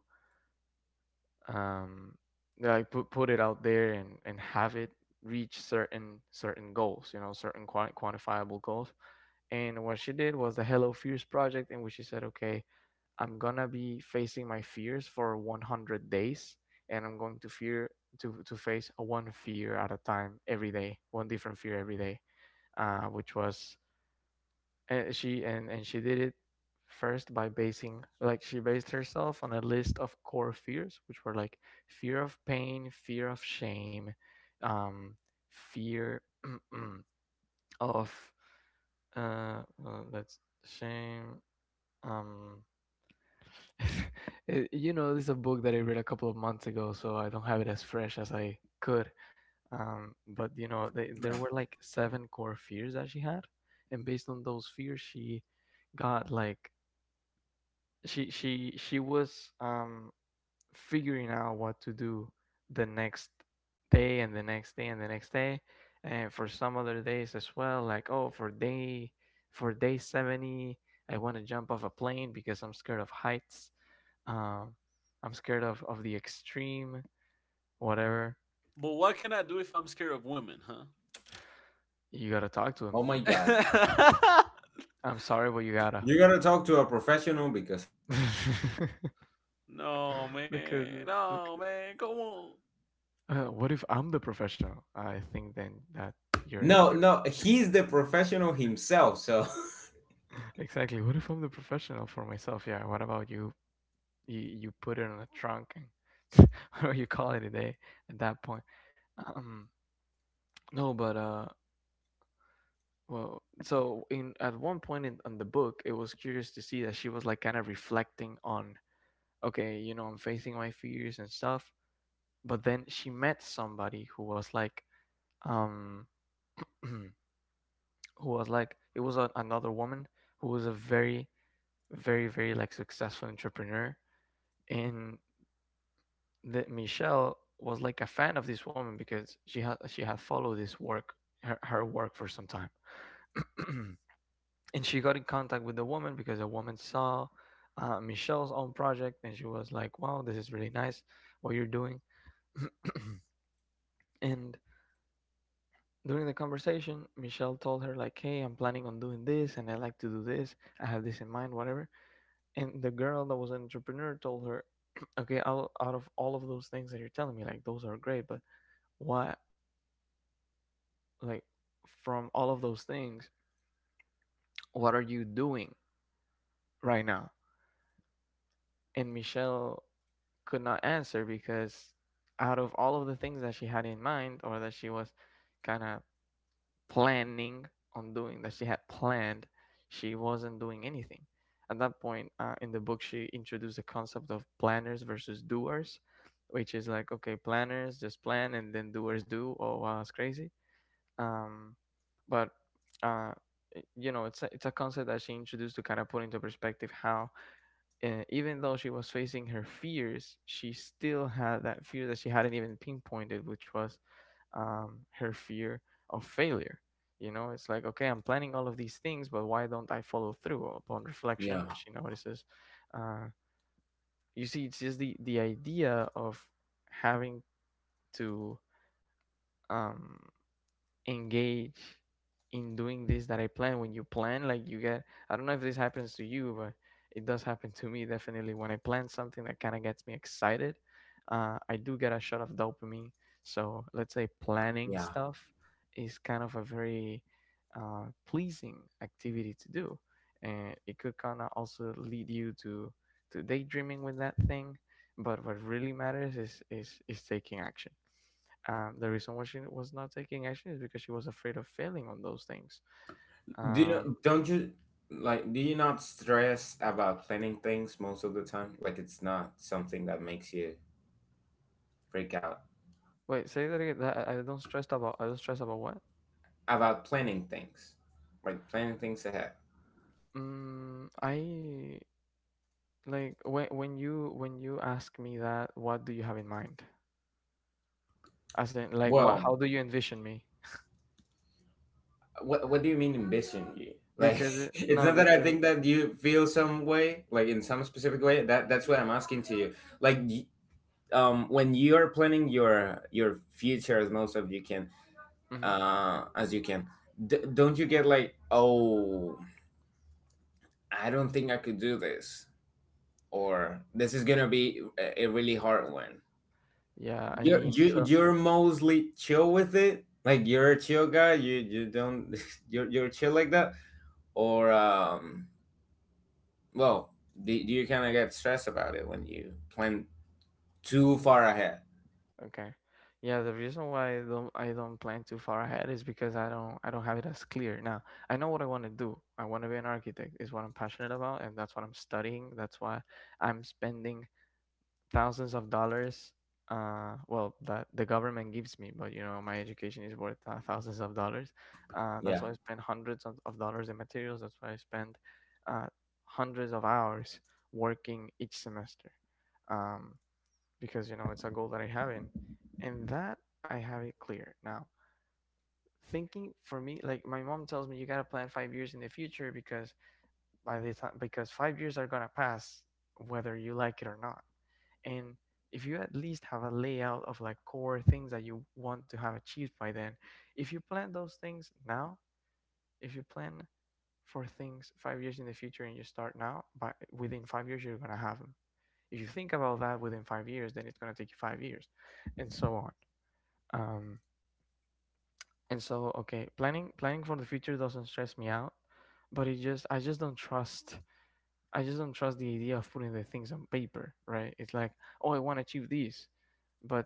um like put it out there and have it reach certain goals, you know, certain quantifiable goals. And what she did was the Hello Fierce project, in which she said, "Okay, I'm gonna be facing my fears for 100 days, and I'm going to fear to face one fear at a time every day, one different fear every day." Which was And she did it first by basing, like, she based herself on a list of core fears, which were like fear of pain, fear of shame, um, fear of that's shame. um, you know, this is a book that I read a couple of months ago, so I don't have it as fresh as I could. But you know, there Yeah. were like 7 core fears that she had, and based on those fears, she got like she was figuring out what to do the next day, and the next day, and the next day, and for some other days as well. Like, oh, for day 70, I want to jump off a plane because I'm scared of heights. uh, I'm scared of the extreme. Whatever. But what can I do if I'm scared of women, huh? You gotta talk to him. Oh my god. I'm sorry, but you gotta. You gotta talk to a professional because No because, man, no because man. Come on. What if I'm the professional? I think then that no, you're, no, he's the professional himself. So exactly. What if I'm the professional for myself? Yeah. What about you? You put it in a trunk and or you call it a day at that point. Um, no, but well, so in at one point in the book, it was curious to see that she was like kind of reflecting on, okay, you know, I'm facing my fears and stuff. But then she met somebody who was like, um, who was like, it was a, another woman who was a very like successful entrepreneur. And that Michelle was like a fan of this woman because she had followed her work for some time. And she got in contact with the woman because the woman saw Michelle's own project, and she was like, "Wow, this is really nice what you're doing." and During the conversation, Michelle told her, like, "Hey, I'm planning on doing this, and I like to do this. I have this in mind, whatever." And the girl that was an entrepreneur told her, "Okay, out of all of those things that you're telling me, like, those are great, but what, like, from all of those things, what are you doing right now?" And Michelle could not answer because out of all of the things that she had in mind, or that she was kind of planning on doing, that she had planned, she wasn't doing anything at that point. In the book, she introduced the concept of planners versus doers, which is like, okay, planners just plan, and then doers do. Oh wow, that's crazy. Um, but uh, you know, it's a concept that she introduced to kind of put into perspective how, even though she was facing her fears, she still had that fear that she hadn't even pinpointed, which was, her fear of failure. You know, it's like, okay, I'm planning all of these things, but why don't I follow through? Upon reflection, Yeah, she notices. Uh, you see, it's just the idea of having to, um, engage in doing this that I plan. When you plan, like, you get, I don't know if this happens to you, but it does happen to me, definitely. When I plan something that kind of gets me excited, I do get a shot of dopamine. So let's say planning yeah. stuff is kind of a very pleasing activity to do, and it could kind of also lead you to daydreaming with that thing. But what really matters is is taking action. The reason why she was not taking action is because she was afraid of failing on those things. do Um, you don't you like Do you not stress about planning things most of the time? Like it's not something that makes you freak out wait, say that again. That I don't stress about. I don't stress about what? about planning things, like planning things ahead. Mm, I, like, when you when you ask me that, what do you have in mind? As in, like, what? Well, How do you envision me? What do you mean ambition? You like it's not No, that I because think that you feel some way, like in some specific way. That that's what I'm asking to you. Like y- when you are planning your future as most of you can mhm. As you can. Don't you get like, oh, I don't think I could do this, or this is gonna be a really hard one. Yeah, I You're mean, you so, you're mostly chill with it, like you're a chill guy. You don't you're chill like that, or well, do, do you kind of get stressed about it when you plan too far ahead? okay. Yeah, the reason why I don't plan too far ahead is because I don't have it as clear. Now, I know what I want to do. I want to be an architect, is what I'm passionate about, and that's what I'm studying. That's why I'm spending thousands of dollars, well, that the government gives me, but you know, my education is worth thousands of dollars. That's Yeah, why I spend hundreds of dollars in materials. That's why I spend uh hundreds of hours working each semester. Um because you know it's a goal that I have in, and that I have it clear now. Thinking, for me, like my mom tells me, you gotta plan 5 years in the future, because by the time because 5 years are gonna pass whether you like it or not, and if you at least have a layout of like core things that you want to have achieved by then, if you plan those things now, if you plan for things 5 years in the future and you start now, by within 5 years you're gonna have them. If you think about that within 5 years, then it's gonna take you 5 years, and so on. um and so, okay, planning for the future doesn't stress me out, but it just I just don't trust, I just don't trust the idea of putting the things on paper, right? It's like, oh, I want to achieve this, but,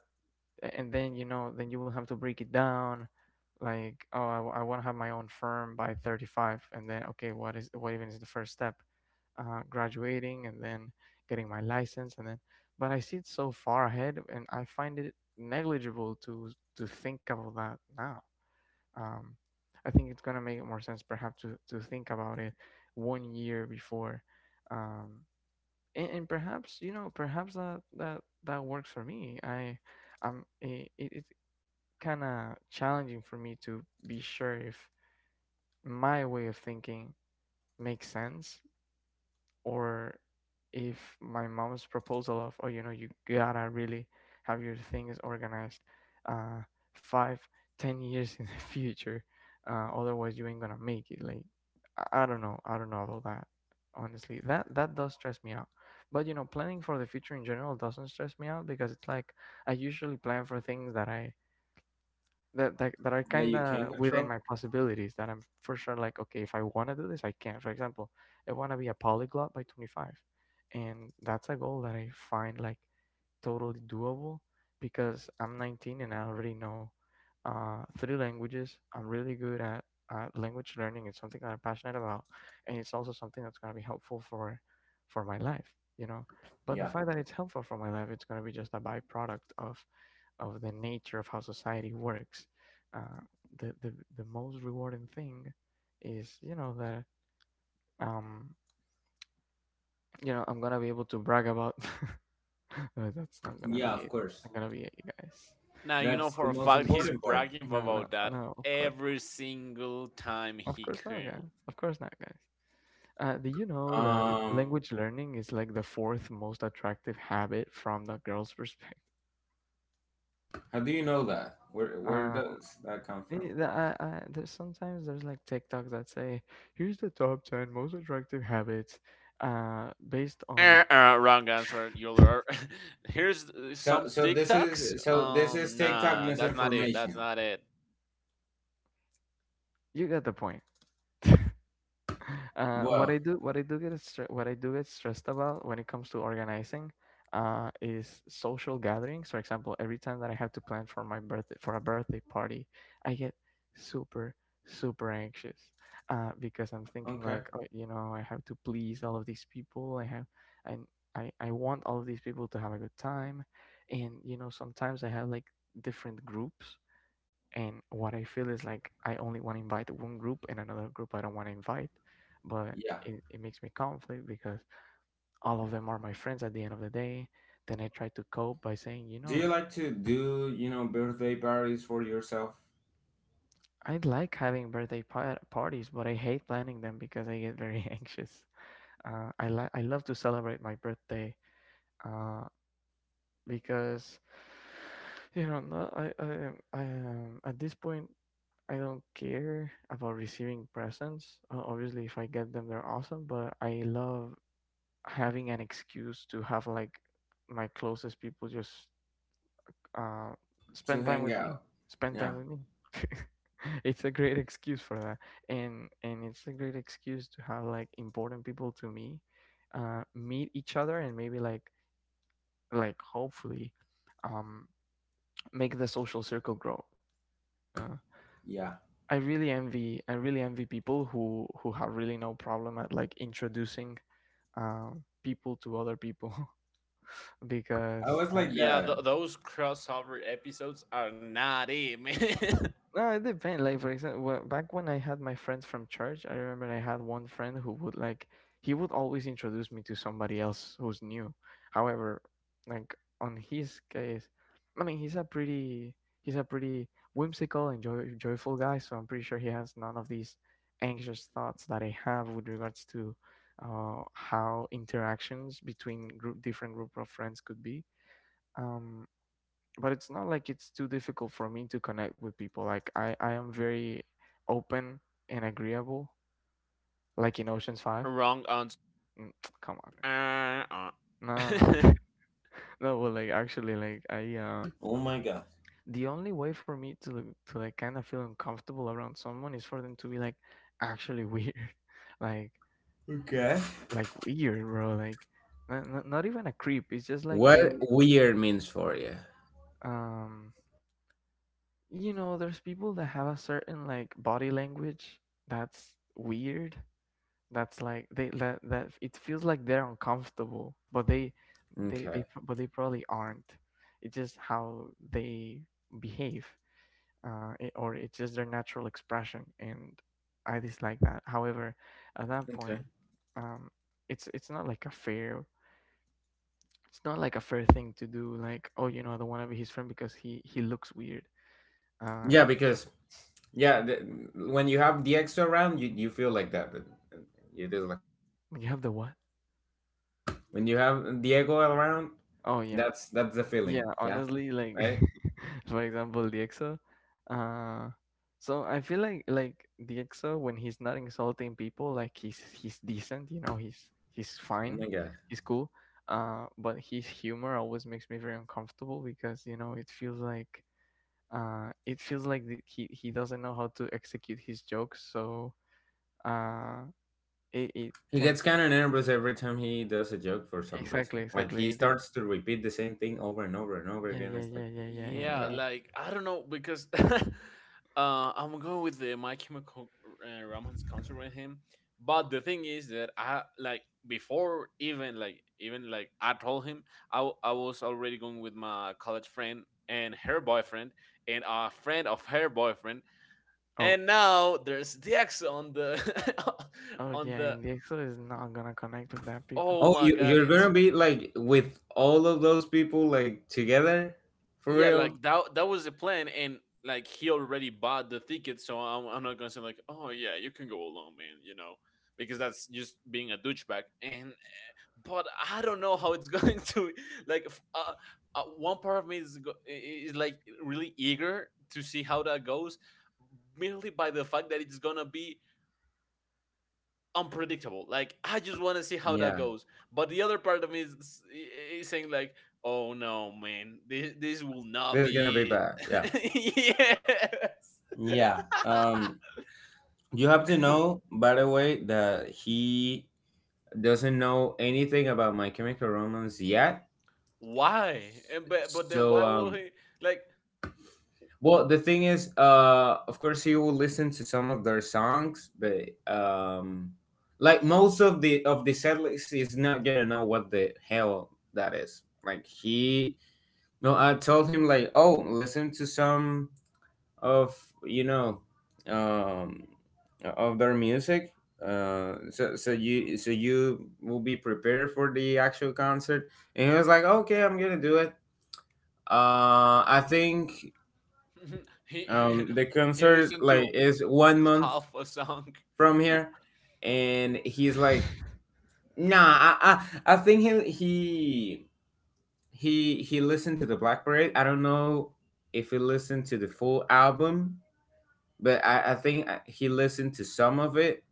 and then, you know, then you will have to break it down. Like, oh, want to have my own firm by 35, and then, okay, what even is the first step? Graduating, and then getting my license, and then, but I see it so far ahead, and I find it negligible to think about that now. um, I think it's gonna make more sense perhaps to think about it one year before, um, and perhaps, you know, perhaps that that works for me. I I'm it, it, it's kind of challenging for me to be sure if my way of thinking makes sense, or if my mom's proposal of, oh, you know, you gotta really have your things organized uh 5, 10 years in the future, otherwise you ain't gonna make it. Like, I don't know, I don't know about that. Honestly, that, that does stress me out. But you know, planning for the future in general doesn't stress me out, because it's like I usually plan for things that that are that kind you can of control. within my possibilities, that I'm for sure, like, okay, if I want to do this, I can. For example, I want to be a polyglot by 25, and that's a goal that I find like totally doable, because I'm 19, and I already know three languages. I'm really good at language learning. It's something that I'm passionate about, and it's also something that's going to be helpful for my life, you know. But the Yeah, fact that it's helpful for my life, it's going to be just a byproduct of the nature of how society works. uh, the most rewarding thing is, you know that, um you know, I'm gonna be able to brag about. No, that's not gonna yeah, be of it. It's course. not gonna be it, you guys. Now you know Of That's for the course a most fact he's important part. bragging not. No, about no, that no. Every single time Of he course not, can. guys. Of course not, guys. Do you know that Um, language learning is like the fourth most attractive habit from the girl's perspective? How do you know that? Where Uh, does that come from? I, there's, sometimes there's like TikToks that say, "Here's the top 10 most attractive habits," based on, Wrong answer. You'll here's So some so this is TikToks. so this is Um, TikTok nah, that's not it. That's misinformation. not it. you get the point. What Well, I do, what I do what I do get stressed about when it comes to organizing, is social gatherings. For example, every time that I have to plan for my birthday, for a birthday party, I get super super anxious, because I'm thinking, okay. like, oh, you know, I have to please all of these people. I have, and I want all of these people to have a good time, and you know, sometimes I have like different groups, and what I feel is like I only want to invite one group, and another group I don't want to invite, but Yeah. It makes me conflict, because all of them are my friends at the end of the day. Then I try to cope by saying, Do you like to do, you know, birthday parties for yourself I like having parties, but I hate planning them because I get very anxious. I love to celebrate my birthday. Uh, because you know, no, I, At this point, I don't care about receiving presents. Obviously, if I get them, they're awesome. But I love having an excuse to have like my closest people just uh, to spend time hang with me. out? Spend Yeah. time with me. It's a great excuse for that, and it's a great excuse to have like important people to me, meet each other, and maybe like hopefully, um, make the social circle grow. Uh, Yeah. I really envy people who have really no problem at like introducing people to other people I because was like Yeah, that. Those crossover episodes are not it, man. no, it depends. Like for example, back when I had my friends from church, I remember I had one friend who would he would always introduce me to somebody else who's new. However, like on his case, I mean he's a pretty joyful guy, so I'm pretty sure he has none of these anxious thoughts that I have with regards to how interactions between group different group of friends could be. Um, but it's not like it's too difficult for me to connect with people. Like I am very open and agreeable. Like in Ocean's Five. Wrong answer. Mm, come on. Uh, uh. No, no, no. Well, like actually, Oh my god. the only way for me to like kind of feel uncomfortable around someone is for them to be like actually weird, like Okay. like weird, bro. Like not even a creep. It's just like What weird means for you? um, you know, there's people that have a certain like body language that's weird, that's like they that it feels like they're uncomfortable but Okay. But they probably aren't. It's just how they behave, or it's just their natural expression, and I dislike that. However, at that Okay. point, um it's not like a fair, it's not like a fair thing to do, like, oh, you know, I don't want to be his friend because he looks weird. uh Yeah, because yeah, the, when you have the extra round, you feel like that. But you just when you have the what? when you have Diego around, Oh yeah. That's the feeling. Yeah, Yeah, honestly, like right. for example, DXO. Uh, so I feel like DXO, when he's not insulting people, he's decent, you know, he's Oh my fine, god, he's cool. But his humor always makes me very uncomfortable because you know it feels like he doesn't know how to execute his jokes, so uh it it he gets tends kind of nervous every time he does a joke for some exactly reason. Like he exactly starts to repeat the same thing over and over and over yeah again. yeah It's like, yeah yeah yeah, oh my Yeah, and god. it. like, I don't know, because I'm going with the My Chemical Romance concert with him. But the thing is that I, like, before even, like, I told him, I I was already going with my college friend and her boyfriend and a friend of her boyfriend, Oh. and now there's Dex on the Oh on yeah, the and the Excel is not gonna connect with that people. Oh Oh, my you god, you're it's gonna be like with all of those people like together for yeah, like real? that was the plan, and like he already bought the ticket, so I'm not gonna say like, oh yeah, you can go alone, man, because that's just being a douchebag. And but I don't know how it's going to, like. One part of me is like really eager to see how that goes, merely by the fact that it's gonna be unpredictable. Like, I just want to see how that Yeah, goes. But the other part of me is saying like, oh no, man, this will not this is gonna be be bad. Yeah, it. Yes. yeah. You have to know, by the way, that he doesn't know anything about My Chemical Romance yet. Why? And but then So, why will he, like, well, the thing is, of course, you will listen to some of their songs, but like most of the setlist is not gonna know what the hell that is. Like he, no, I told him like, oh, listen to some of you know, um, of their music. So you so you will be prepared for the actual concert, and he was like, okay, I'm gonna do it. I think he um, the he concert listened like to is 1 month half a song? from here, and he's like, "Nah, I think he listened to the Black Parade. I don't know if he listened to the full album, but I think he listened to some of it.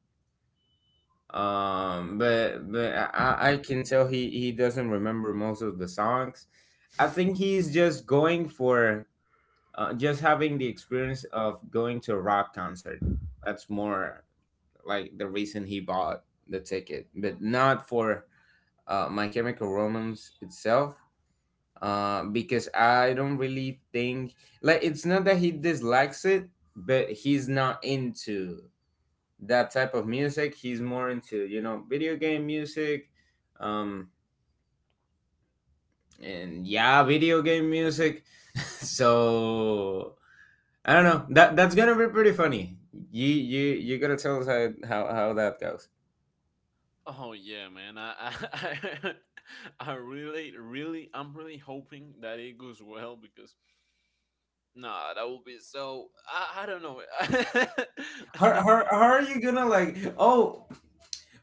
But I can tell he doesn't remember most of the songs. I think he's just going for just having the experience of going to a rock concert. That's more like the reason he bought the ticket, but not for My Chemical Romance itself. Because I don't really think like it's not that he dislikes it, but he's not into that type of music. He's more into you know video game music, um, and yeah, video game music. So I don't know. That that's gonna be pretty funny. You gotta tell us how that goes. Oh yeah, man. I I'm really hoping that it goes well, because. Nah, that would be so. I don't know. How are you gonna like? Oh,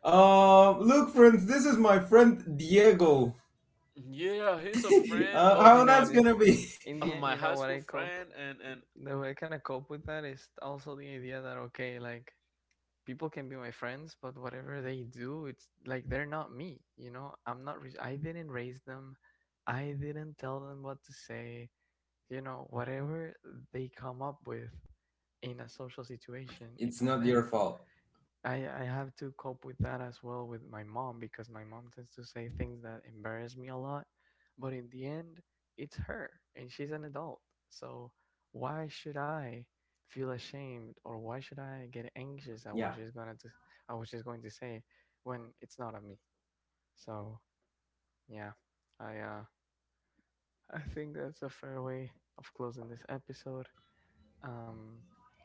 uh, look, friends, this is my friend Diego. Yeah, he's a friend You of how know, in my that's the, gonna be? in the end, you know high what school I cope, friend, and the way I kind of cope with that is also the idea that, okay, like people can be my friends, but whatever they do, it's like they're not me. You know, I'm not. I didn't raise them. I didn't tell them what to say. You know, whatever they come up with in a social situation, it's It's on not your them. fault. I have to cope with that as well with my mom because my mom tends to say things that embarrass me a lot, but in the end, it's her and she's an adult. So why should I feel ashamed or why should I get anxious at what Yeah. At what she's going to say when it's not on me? So yeah, I I think that's a fair way of closing this episode. Um,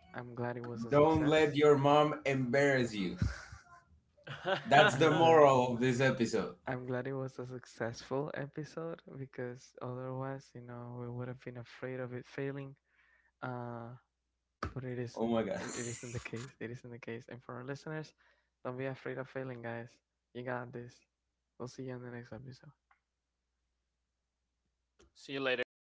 I'm glad it was a Don't success. let your mom embarrass you. That's the I'm glad and moral of this episode. I'm glad it was a successful episode because otherwise, you know, we would have been afraid of it failing. Uh, but isn't. It, isn't. Oh my god. It isn't the case. It isn't the case. And for our listeners, don't be afraid of failing, guys. You got this. We'll see you in the next episode. see you later.